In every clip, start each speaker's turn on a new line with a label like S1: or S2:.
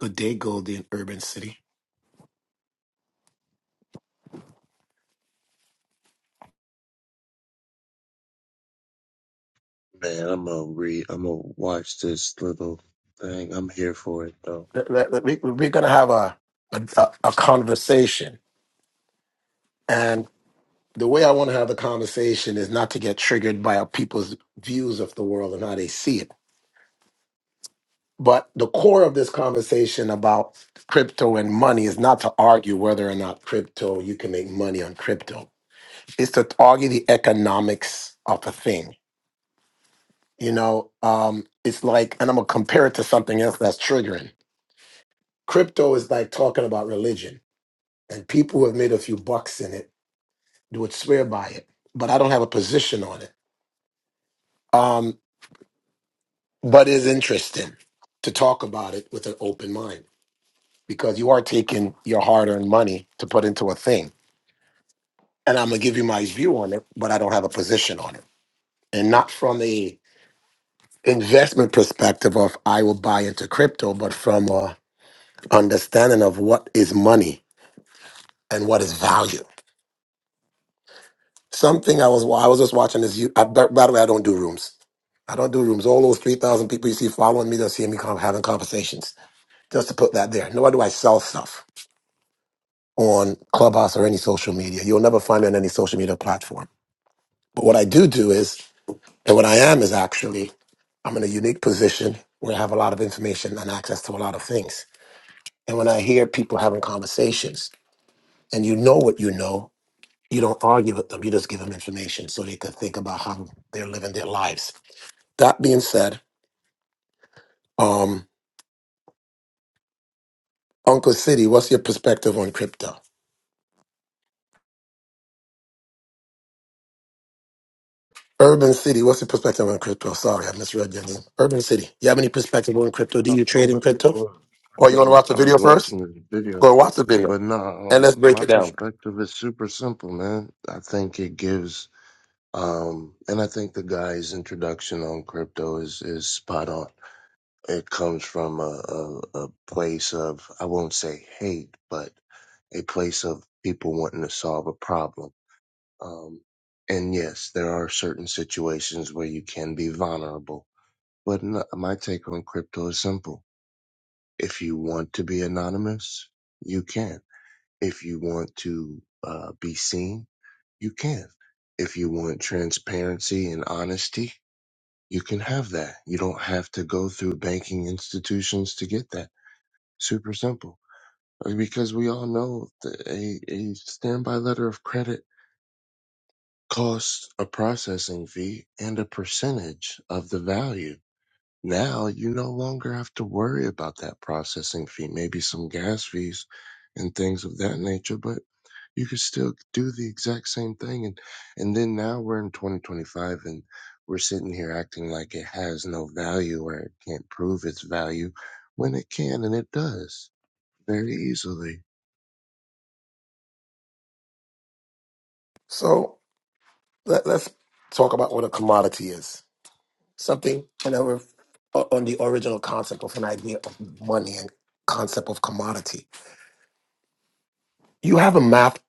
S1: Good day, Goldie and Urban City.
S2: Man, I'm gonna read. I'm gonna watch this little thing. I'm here for it though.
S1: Let- let- let me- We're going to have a, a a a conversation, and the way I want to have the conversation is not to get triggered by our people's views of the world and how they see it. But the core of this conversation about crypto and money is not to argue whether or not crypto you can make money on crypto. It's to argue the economics of a thing. You know, um, it's like, and I'm gonna compare it to something else that's triggering. Crypto is like talking about religion and people who have made a few bucks in it would swear by it. But I don't have a position on it. Um, but it's interesting to talk about it with an open mind because you are taking your hard-earned money to put into a thing. And I'm gonna give you my view on it, but I don't have a position on it, and not from a investment perspective of I will buy into crypto, but from a understanding of what is money and what is value Something I was I was just watching this. you- I, by by the way, I don't do rooms. I don't do rooms. All those three thousand people you see following me, they're seeing me con- having conversations. Just to put that there. Nor do I sell stuff on Clubhouse or any social media. You'll never find me on any social media platform. But what I do do is, and what I am is actually, I'm in a unique position where I have a lot of information and access to a lot of things. And when I hear people having conversations, and you know what you know, you don't argue with them. You just give them information so they can think about how they're living their lives That being said, um, Uncle City, what's your perspective on crypto? Urban City, what's your perspective on crypto? Sorry, I misread your name. Urban City, you have any perspective on crypto? Do
S2: Oh,
S1: you trade in crypto?
S2: Well,
S1: Or you want to
S2: um,
S1: watch the
S2: I was
S1: video first?
S2: watching this video,
S1: Go watch the video
S2: but no,
S1: and let's
S2: um,
S1: break
S2: my
S1: it down.
S2: perspective is super simple, man. I think it gives, um, and I think the guy's introduction on crypto is is spot on. It comes from a, a, a place of I won't say hate, but a place of people wanting to solve a problem Um, and yes, there are certain situations where you can be vulnerable. But n my take on crypto is simple. If you want to be anonymous, you can. If you want to uh, be seen, you can. If you want transparency and honesty, you can have that. You don't have to go through banking institutions to get that. Super simple. Uh, Because we all know the, a, a standby letter of credit Cost a processing fee and a percentage of the value. Now you no longer have to worry about that processing fee, maybe some gas fees and things of that nature, but you could still do the exact same thing. And, and then now we're in 2025 and we're sitting here acting like it has no value or it can't prove its value when it can and it does very easily.
S1: So let, let's talk about what a commodity is. Something you know, we're- on the original concept of an idea of money and concept of commodity you have a math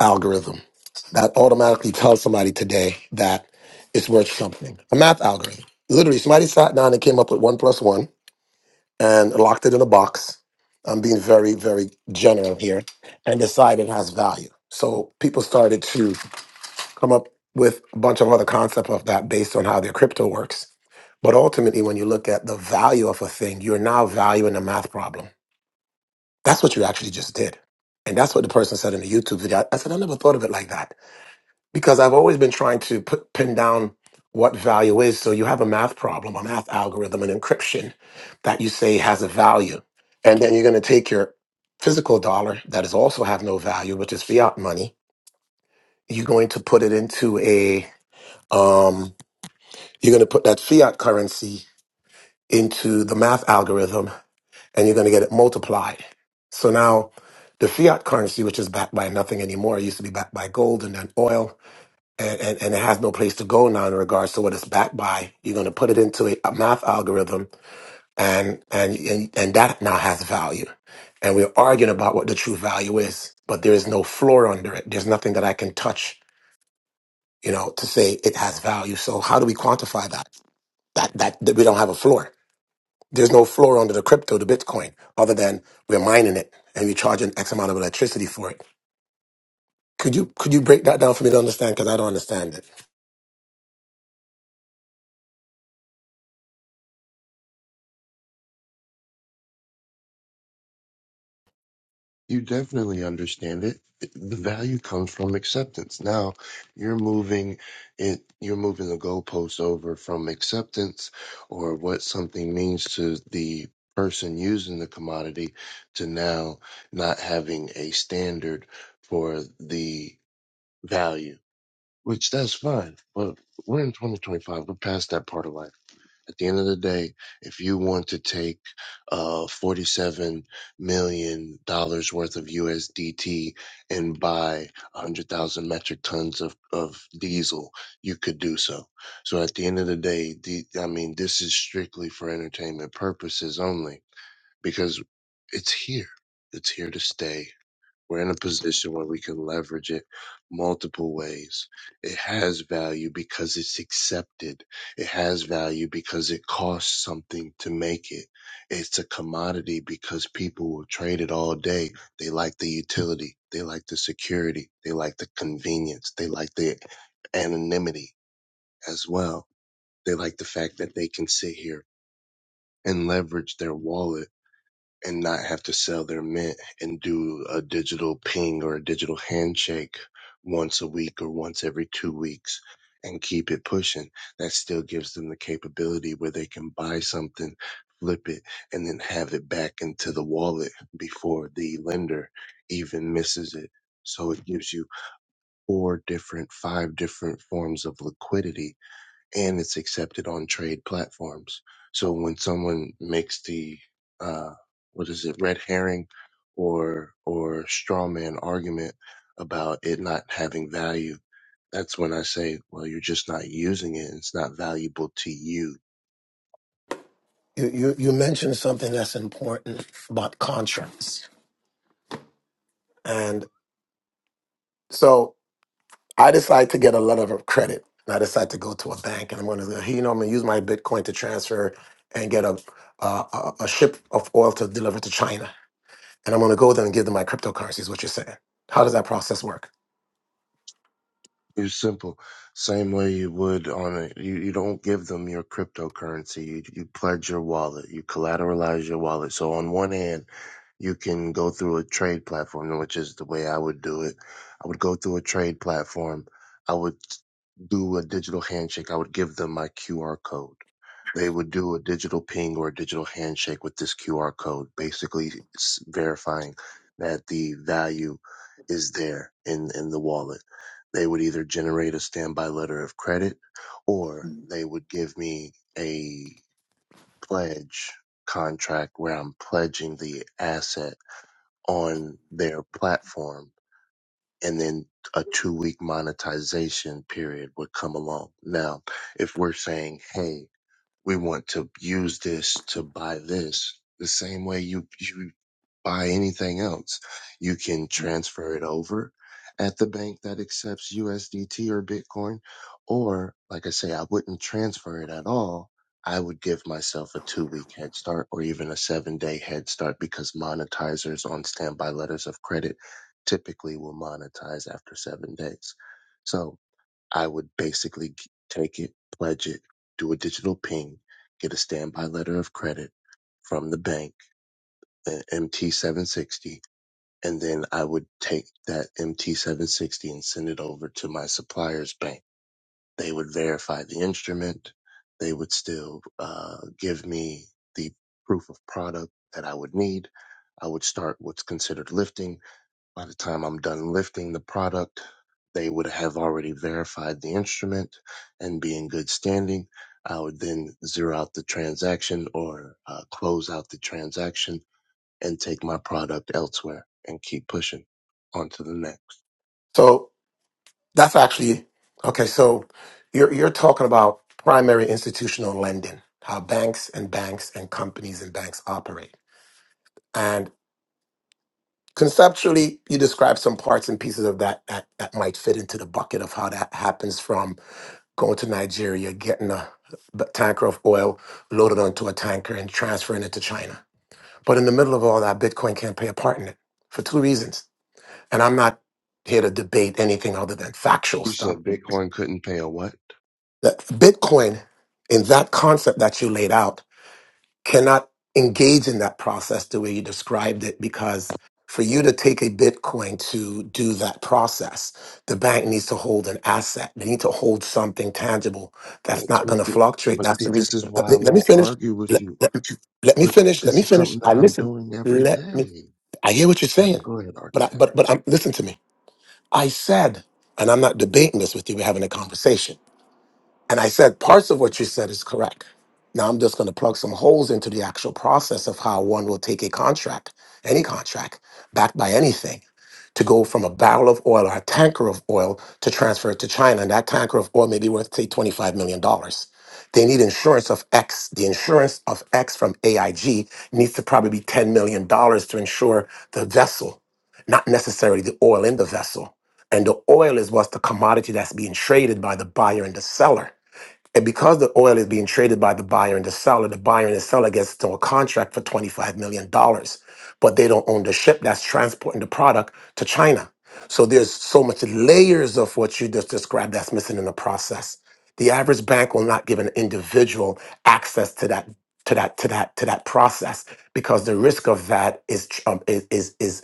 S1: algorithm that automatically tells somebody today that it's worth something. A math algorithm. Literally, somebody sat down and came up with one plus one and locked it in a box. I'm being very, very general here and decided it has value. So people started to come up with a bunch of other concept of that based on how their crypto works. But ultimately, when you look at the value of a thing, you're now valuing a math problem that's what you actually just did. And that's what the person said in the YouTube video. I said, I never thought of it like that because I've always been trying to put, pin down what value is. So you have a math problem, a math algorithm, an encryption that you say has a value. And then you're going to take your physical dollar that is also have no value, which is fiat money. You're going to put it into a, um, you're going to put that fiat currency into the math algorithm and you're going to get it multiplied. So now the fiat currency, which is backed by nothing anymore, it used to be backed by gold and then oil, and, and, and it has no place to go now in regards to what it's backed by. You're going to put it into a, a math algorithm, and, and, and, and that now has value. And we're arguing about what the true value is, but there is no floor under it. There's nothing that I can touch, you know, to say it has value. So how do we quantify that? That, that, that we don't have a floor. There's no floor under the crypto, the Bitcoin, other than we're mining it and we charge an X amount of electricity for it. Could you could you break that down for me to understand? Because I don't understand it.
S2: You definitely understand it. The value comes from acceptance. Now you're moving it, you're moving the goalposts over from acceptance or what something means to the person using the commodity to now not having a standard for the value, which that's fine. But we're in 2025. We're past that part of life. At the end of the day, if you want to take uh, $47 million dollars worth of USDT and buy 100,000 metric tons of, of diesel, you could do so. So at the end of the day, the, I mean, this is strictly for entertainment purposes only because it's here. It's here to stay we're in a position where we can leverage it multiple ways. It has value because it's accepted. It has value because it costs something to make it. It's a commodity because people will trade it all day. They like the utility. They like the security. They like the convenience. They like the anonymity as well. They like the fact that they can sit here and leverage their wallet and not have to sell their mint and do a digital ping or a digital handshake once a week or once every two weeks and keep it pushing. That still gives them the capability where they can buy something, flip it, and then have it back into the wallet before the lender even misses it. So it gives you four different, five different forms of liquidity and it's accepted on trade platforms. So when someone makes the uh, what is it, red herring or or straw man argument about it not having value, that's when I say, well, you're just not using it. It's not valuable to you.
S1: You, you you mentioned something that's important about contracts, and so I decide to get a letter of credit, and I decide to go to a bank, and I'm going to you know I'm going to use my Bitcoin to transfer and get a a, a a ship of oil to deliver to China, and I'm going to go there and give them my cryptocurrencies. What you're saying? How does that process work?
S2: It's simple. Same way you would on a, you, you don't give them your cryptocurrency. You, you pledge your wallet. You collateralize your wallet. So on one hand, You can go through a trade platform, which is the way I would do it. I would go through a trade platform. I would do a digital handshake. I would give them my QR code. They would do a digital ping or a digital handshake with this QR code, basically s- verifying that the value is there in, in the wallet. They would either generate a standby letter of credit or they would give me a pledge contract where I'm pledging the asset on their platform and then a two week monetization period would come along. Now, if we're saying, Hey, we want to use this to buy this the same way you, you buy anything else. You can transfer it over at the bank that accepts USDT or Bitcoin. Or, like I say, I wouldn't transfer it at all. I would give myself a two week head start or even a seven day head start because monetizers on standby letters of credit typically will monetize after seven days. So I would basically g- take it, pledge it, do a digital ping, get a standby letter of credit from the bank, the MT760, and then I would take that MT760 and send it over to my supplier's bank. They would verify the instrument. They would still uh, give me the proof of product that I would need. I would start what's considered lifting. By the time I'm done lifting the product, they would have already verified the instrument and be in good standing. I would then zero out the transaction or uh, close out the transaction and take my product elsewhere and keep pushing on to the next.
S1: So That's actually okay. So you're you're talking about primary institutional lending, how banks and banks and companies and banks operate, and conceptually, you describe some parts and pieces of that that, that might fit into the bucket of how that happens from going to Nigeria, getting a b- tanker of oil loaded onto a tanker and transferring it to China. But in the middle of all that, Bitcoin can't play a part in it for two reasons, and I'm not here to debate anything other than factual
S2: You
S1: stuff
S2: said Bitcoin couldn't pay a what?
S1: that Bitcoin in that concept that you laid out cannot engage in that process the way you described it because for you to take a Bitcoin to do that process, the bank needs to hold an asset. They need to hold something tangible that's
S2: That's
S1: not going
S2: what
S1: to
S2: the,
S1: fluctuate.
S2: but
S1: That's
S2: see,
S1: the
S2: this
S1: reason.
S2: is
S1: Let
S2: why I
S1: me, let me
S2: won't
S1: finish.
S2: argue with
S1: Let,
S2: you.
S1: let, let me
S2: But
S1: finish. Let me
S2: this is
S1: finish.
S2: something that
S1: I
S2: I'm
S1: listen.
S2: doing every
S1: Let me.
S2: day.
S1: I hear what you're
S2: All right,
S1: saying,
S2: go ahead,
S1: but I,
S2: architect.
S1: but but I'm, listen to me. I said, and I'm not debating this with you. We're having a conversation. And I said, parts of what you said is correct. Now I'm just going to plug some holes into the actual process of how one will take a contract, any contract, backed by anything, to go from a barrel of oil or a tanker of oil to transfer it to China. And that tanker of oil may be worth, say, $25 million. dollars. They need insurance of X. The insurance of X from AIG needs to probably be $10 million dollars to insure the vessel, not necessarily the oil in the vessel. And the oil is what's the commodity that's being traded by the buyer and the seller and because the oil is being traded by the buyer and the seller, the buyer and the seller gets to a contract for $25 million, dollars, but they don't own the ship that's transporting the product to China. So there's so much layers of what you just described that's missing in the process. The average bank will not give an individual access to that to that to that to that process because the risk of that is tr- um, is is is-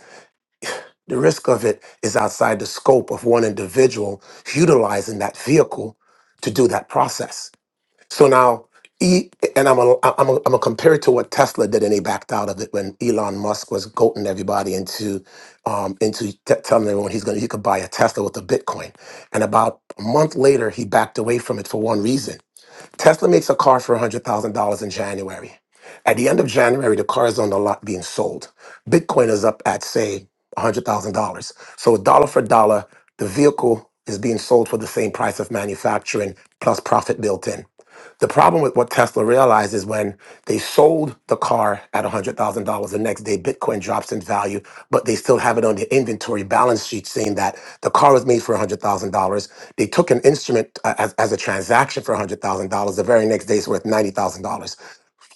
S1: the risk of it is outside the scope of one individual utilizing that vehicle to do that process. So now, e, and I'm gonna I'm gonna I'm gonna compare it to what Tesla did, and he backed out of it when Elon Musk was goating everybody into um, into t- telling everyone he's gonna he could buy a Tesla with a Bitcoin. And about a month later, he backed away from it for one reason. Tesla makes a car for hundred thousand dollars in January. At the end of January, the car is on the lot being sold. Bitcoin is up at say hundred thousand dollars. So dollar for dollar, the vehicle is being sold for the same price of manufacturing plus profit built in. The problem with what Tesla realized is when they sold the car at $100,000, the next day Bitcoin drops in value, but they still have it on their inventory balance sheet saying that the car was made for $100,000. They took an instrument uh, as, as a transaction for $100,000. The very next day it's worth $90,000.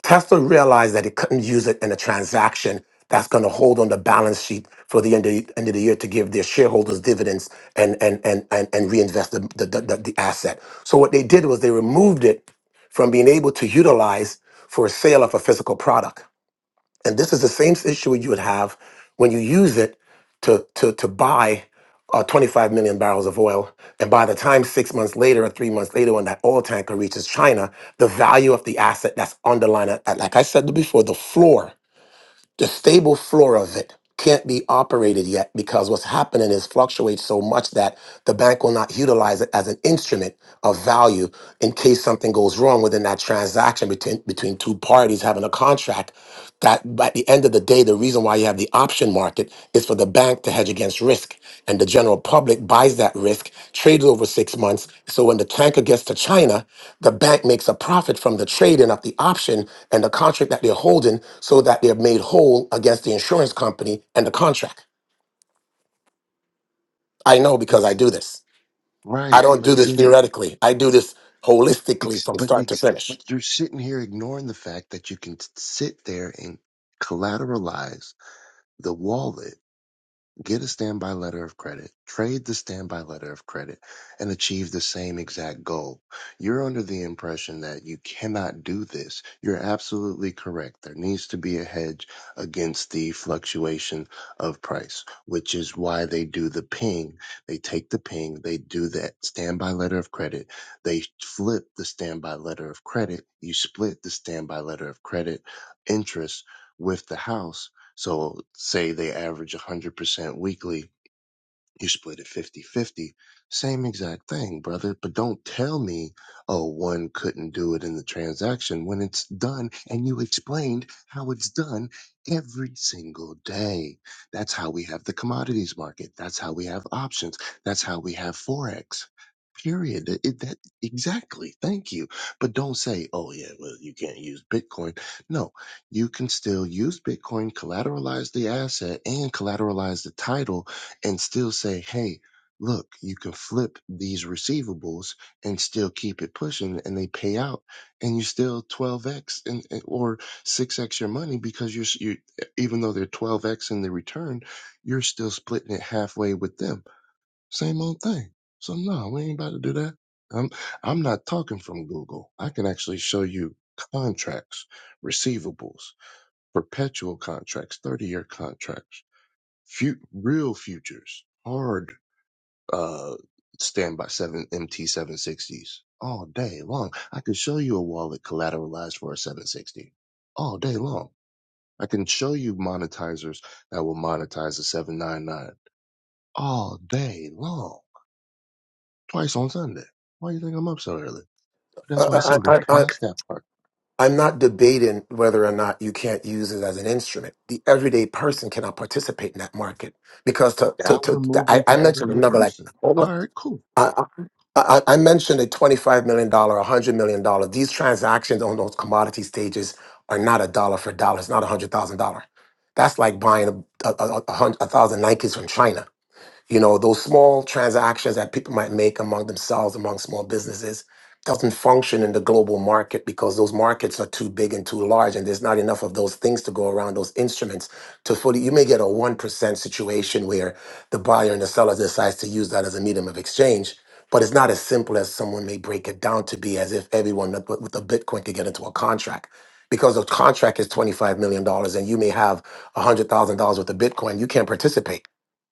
S1: Tesla realized that it couldn't use it in a transaction that's going to hold on the balance sheet for the end of, end of the year to give their shareholders dividends and and and and, and reinvest the, the, the, the asset. So what they did was they removed it from being able to utilize for a sale of a physical product. And this is the same issue you would have when you use it to, to, to buy uh, 25 million barrels of oil. And by the time six months later or three months later, when that oil tanker reaches China, the value of the asset that's underlying, it, like I said before, the floor the stable floor of it can't be operated yet because what's happening is fluctuates so much that the bank will not utilize it as an instrument of value in case something goes wrong within that transaction between between two parties having a contract that at the end of the day the reason why you have the option market is for the bank to hedge against risk and the general public buys that risk trades over 6 months so when the tanker gets to China the bank makes a profit from the trading of the option and the contract that they're holding so that they're made whole against the insurance company and the contract. I know because I
S2: Ex-
S1: do this. I
S2: Right.
S1: don't
S2: But
S1: do this
S2: then,
S1: theoretically. I do this holistically
S2: ex,
S1: from
S2: but
S1: start to
S2: ex,
S1: finish.
S2: but you're sitting here ignoring the fact that you can t- sit there and collateralize the wallet Get a standby letter of credit, trade the standby letter of credit, and achieve the same exact goal. You're under the impression that you cannot do this. You're absolutely correct. There needs to be a hedge against the fluctuation of price, which is why they do the ping. They take the ping, they do that standby letter of credit, they flip the standby letter of credit, you split the standby letter of credit interest with the house so say they average 100% weekly you split it fifty-fifty, same exact thing brother but don't tell me oh one couldn't do it in the transaction when it's done and you explained how it's done every single day that's how we have the commodities market that's how we have options that's how we have forex period it, it- that exactly thank you but don't say oh yeah well you can't use bitcoin no you can still use bitcoin collateralize the asset and collateralize the title and still say, hey, look, you can flip these receivables and still keep it pushing and they pay out and you still 12x and and- or 6x your money because you're, you even though they're 12x in the return, you're still splitting it halfway with them. Same old thing. So no, we ain't about to do that. I'm I'm not talking from Google. I can actually show you contracts, receivables, perpetual contracts, 30 year contracts, fu- real futures, hard uh, standby seven MT seven sixties all day long. I could show you a wallet collateralized for a seven sixty all day long. I can show you monetizers that will monetize a seven nine nine all day long, twice on Sunday. Why do you think I'm up so early? That's why I say
S1: I,
S2: we're
S1: I, I, I-
S2: past that part.
S1: I'm not debating whether or not you can't use it as an instrument. The everyday person cannot participate in that market because to, to,
S2: Now
S1: to,
S2: we're
S1: to- I,
S2: moving
S1: I
S2: to
S1: mentioned
S2: everyday
S1: another like,
S2: person.
S1: hold
S2: All right, cool.
S1: on. I, I I mentioned a $25 million, $100 million. dollar. These transactions on those commodity stages are not a dollar for dollar. It's not a $100,000. That's like buying a, a, a, a, hun- a thousand Nikes from China you know, those small transactions that people might make among themselves, among small businesses, doesn't function in the global market because those markets are too big and too large, and there's not enough of those things to go around those instruments to fully. You may get a one percent situation where the buyer and the seller decides to use that as a medium of exchange, but it's not as simple as someone may break it down to be as if everyone with with a Bitcoin could get into a contract. Because a contract is $25 million dollars, and you may have $100,000 worth of Bitcoin, you can't participate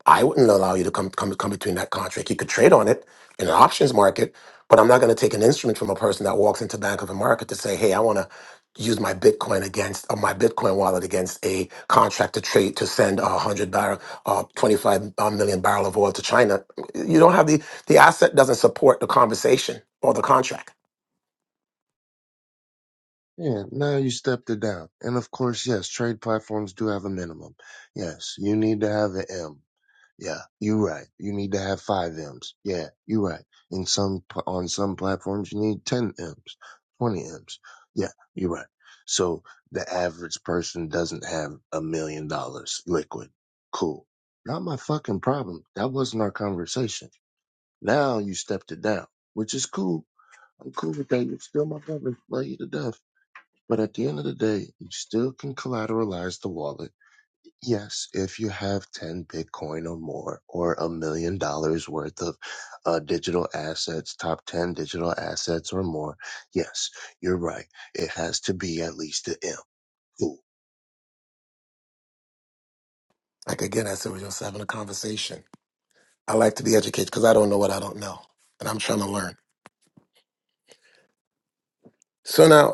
S1: I wouldn't allow you to come come come between that contract. You could trade on it in an options market, but I'm not going to take an instrument from a person that walks into Bank of America to say, "Hey, I want to use my Bitcoin against or my Bitcoin wallet against a contract to trade to send a hundred barrel, uh, 25 uh, million barrel of oil to China." You don't have the the asset doesn't support the conversation or the contract.
S2: Yeah, now you stepped it down. And of course, yes, trade platforms do have a minimum. Yes, you need to have an M. Yeah, you're right. You need to have five M's. Yeah, you're right. In some pl- on some platforms, you need ten M's, twenty M's. Yeah, you're right. So the average person doesn't have a million dollars liquid. Cool. Not my fucking problem. That wasn't our conversation. Now you stepped it down, which is cool. I'm cool with that. You're still my brother. Love you to death. But at the end of the day, you still can collateralize the wallet Yes, if you have 10 Bitcoin or more, or a million dollars worth of uh, digital assets, top 10 digital assets or more, yes, you're right. It has to be at least an M. Cool.
S1: Like again, I said, we're just having a conversation. I like to be educated because I don't know what I don't know, and I'm trying to learn. So now.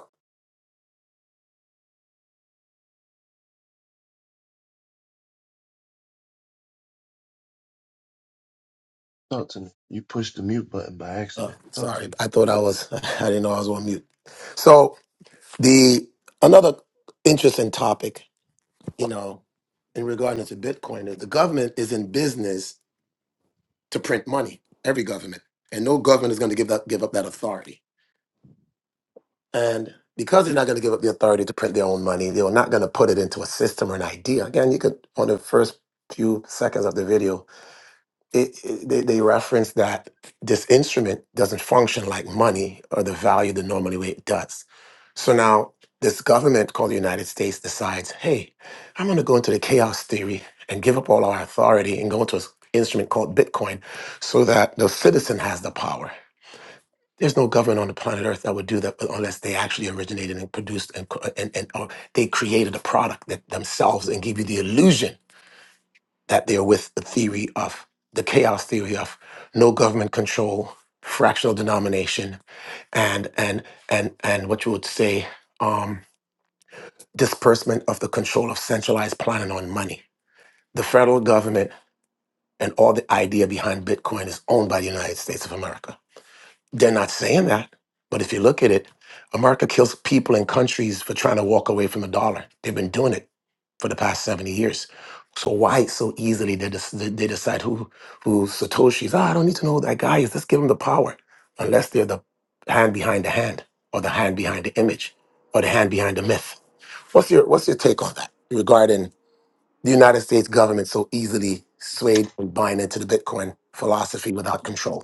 S2: Talk to me. You pushed the mute button by
S1: Uh,
S2: accident. Talk to
S1: sorry,
S2: me.
S1: I thought I was. I didn't know I was on mute. So the another interesting topic, you know, in regard to Bitcoin is the government is in business to print money. Every government, and no government is going to give up give up that authority. And because they're not going to give up the authority to print their own money, they're not going to put it into a system or an idea. Again, you could on the first few seconds of the video, it, it- they, they reference that this instrument doesn't function like money or the value the normal way it does. So now this government called the United States decides, hey, I'm going to go into the chaos theory and give up all our authority and go into an instrument called Bitcoin so that the citizen has the power. There's no government on the planet Earth that would do that unless they actually originated and produced and, co- and, and or they created a product that themselves and give you the illusion that they're with the theory of the chaos theory of no government control, fractional denomination, and and and and what you would say um, disbursement of the control of centralized planning on money. The federal government and all the idea behind Bitcoin is owned by the United States of America they're not saying that. But if you look at it, America kills people in countries for trying to walk away from a dollar. They've been doing it for the past 70 years. So why so easily they, des- they they decide who who Satoshi's? Ah, I don't need to know who that guy is. Let's give him the power. Unless they're the hand behind the hand, or the hand behind the image, or the hand behind the myth. What's your what's your take on that regarding the United States government so easily swayed and buying into the Bitcoin philosophy without control?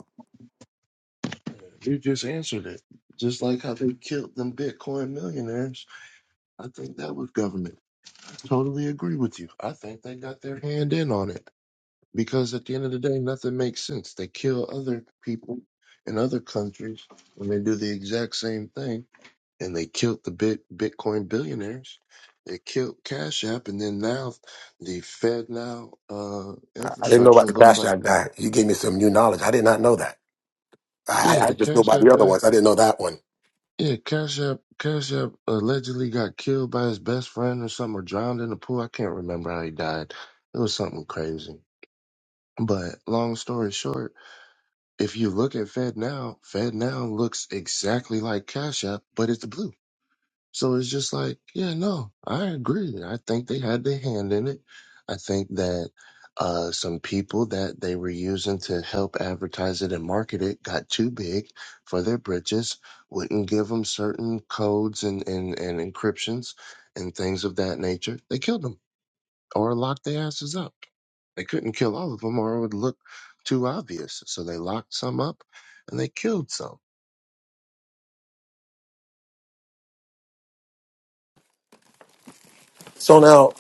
S2: You just answered it. Just like how they killed them Bitcoin millionaires. I think that was government. Totally agree with you. I think they got their hand in on it. Because at the end of the day, nothing makes sense. They kill other people in other countries when they do the exact same thing. And they killed the bit Bitcoin billionaires. They killed Cash App. And then now the Fed now uh,
S1: I I didn't know
S2: infrastructure
S1: about the
S2: looks
S1: Cash
S2: like,
S1: App guy. You gave me some new knowledge. I did not know that. I,
S2: yeah,
S1: I I
S2: the
S1: just knew
S2: Cash
S1: about
S2: App
S1: the other
S2: guy.
S1: ones. I didn't know that one.
S2: Yeah, Cash App, Cash App allegedly got killed by his best friend or something or drowned in a pool. I can't remember how he died. It was something crazy. But long story short, if you look at FedNow, FedNow looks exactly like Cash App, but it's blue. So it's just like, yeah, no, I agree. I think they had their hand in it. I think that uh, some people that they were using to help advertise it and market it got too big for their britches, wouldn't give them certain codes and, and, and encryptions and things of that nature. They killed them or lock their asses up. They couldn't kill all of them or it would look too obvious. So they locked some up and they killed some,
S1: So now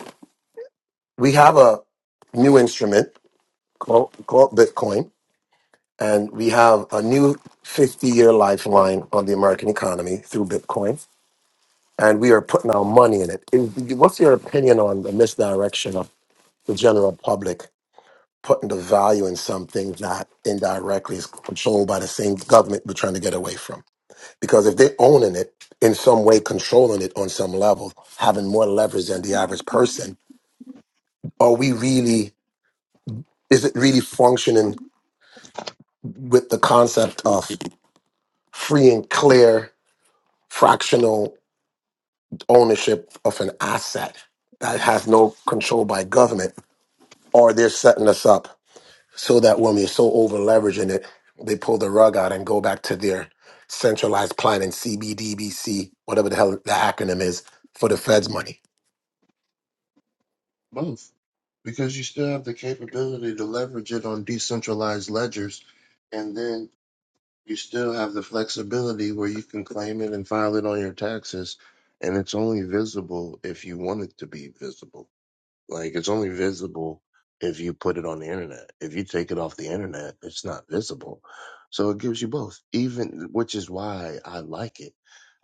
S1: we have a new instrument called, called Bitcoin, and we have a new 50 year lifeline on the American economy through Bitcoin, and we are putting our money in it. Is- What's your opinion on the misdirection of the general public putting the value in something that indirectly is controlled by the same government we're trying to get away from? Because if they're owning it in some way, controlling it on some level, having more leverage than the average person, are we really, is it really functioning with the concept of free and clear fractional ownership of an asset that has no control by government? Or they're setting us up so that when we're so over leveraging it, they pull the rug out and go back to their centralized planning, CBDBC, whatever the hell the acronym is, for the Fed's money
S2: both, because you still have the capability to leverage it on decentralized ledgers. And then you still have the flexibility where you can claim it and file it on your taxes. And it's only visible if you want it to be visible. Like it's only visible if you put it on the internet. If you take it off the internet, it's not visible. So it gives you both. Even which is why I like it.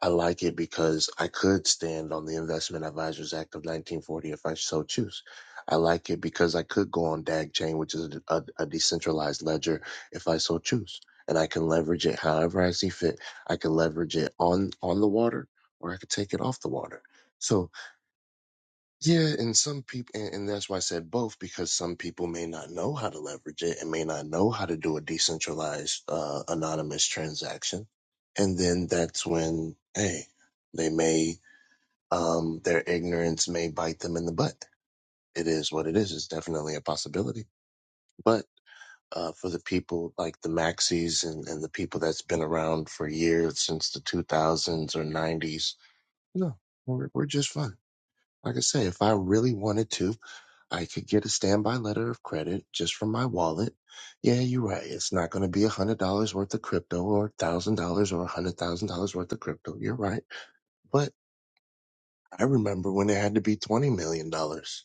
S2: I like it because I could stand on the Investment Advisors Act of 1940 if I so choose. I like it because I could go on DAG chain, which is a, a, a decentralized ledger, if I so choose. And I can leverage it however I see fit. I can leverage it on, on the water or I could take it off the water. So yeah, and some people, and, and that's why I said both, because some people may not know how to leverage it and may not know how to do a decentralized, uh, anonymous transaction. And then that's when, hey, they may, um, their ignorance may bite them in the butt. It is what it is. It's definitely a possibility. But, uh, for the people like the Maxis and, and the people that's been around for years since the 2000s or 90s, no, we're, we're just fine. Like I say, if I really wanted to, I could get a standby letter of credit just from my wallet. Yeah, you're right. It's not going to be a hundred dollars worth of crypto or a thousand dollars or a hundred thousand dollars worth of crypto. You're right. But I remember when it had to be twenty million dollars.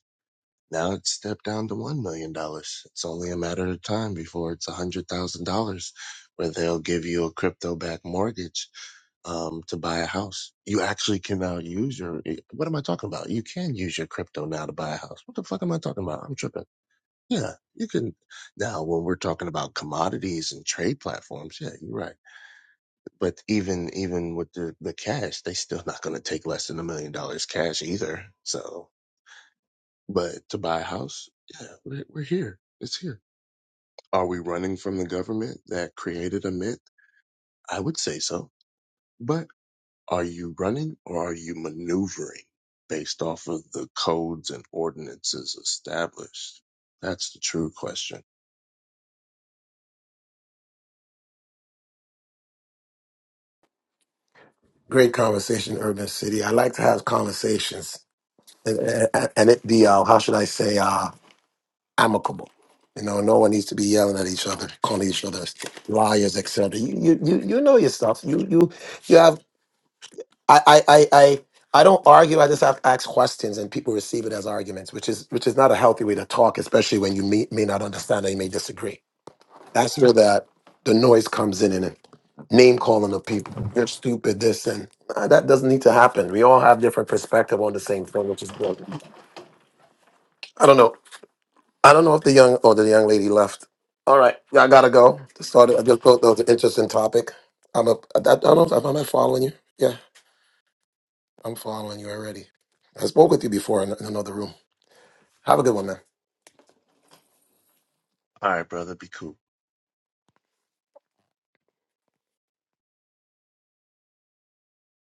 S2: Now it's stepped down to one million dollars. It's only a matter of time before it's a hundred thousand dollars where they'll give you a crypto backed mortgage um, to buy a house. You actually can now use your, eh, what am I talking about? You can use your crypto now to buy a house. What the fuck am I talking about? I'm tripping. Yeah, you can. Now, when we're talking about commodities and trade platforms, yeah, you're right. But even even with the, the cash, they still not going to take less than a million dollars cash either. So, but to buy a house, yeah, we're, we're here. It's here. Are we running from the government that created a mint? I would say so. But are you running or are you maneuvering based off of the codes and ordinances established? That's the true question.
S1: Great conversation, Urban City. I like to have conversations, and, and and it be uh, how should I say uh, amicable. You know, no one needs to be yelling at each other, calling each other liars, etc. You, you, you you know your stuff. You, you, you have. I, I, I, I, I don't argue. I just have to ask questions, and people receive it as arguments, which is, which is not a healthy way to talk, especially when you may, may not understand and you may disagree. That's where that the noise comes in, name calling of people. You're stupid, this and uh, that doesn't need to happen. We all have different perspective on the same thing, which is good. I don't know. I don't know if the young or the young lady left. All right, I gotta go. Started. I just thought that was an interesting topic. I'm a. I don't know if I'm not following you. Yeah, I'm following you already. I spoke with you before in, in another room. Have a good one, man.
S2: All right, brother, be cool.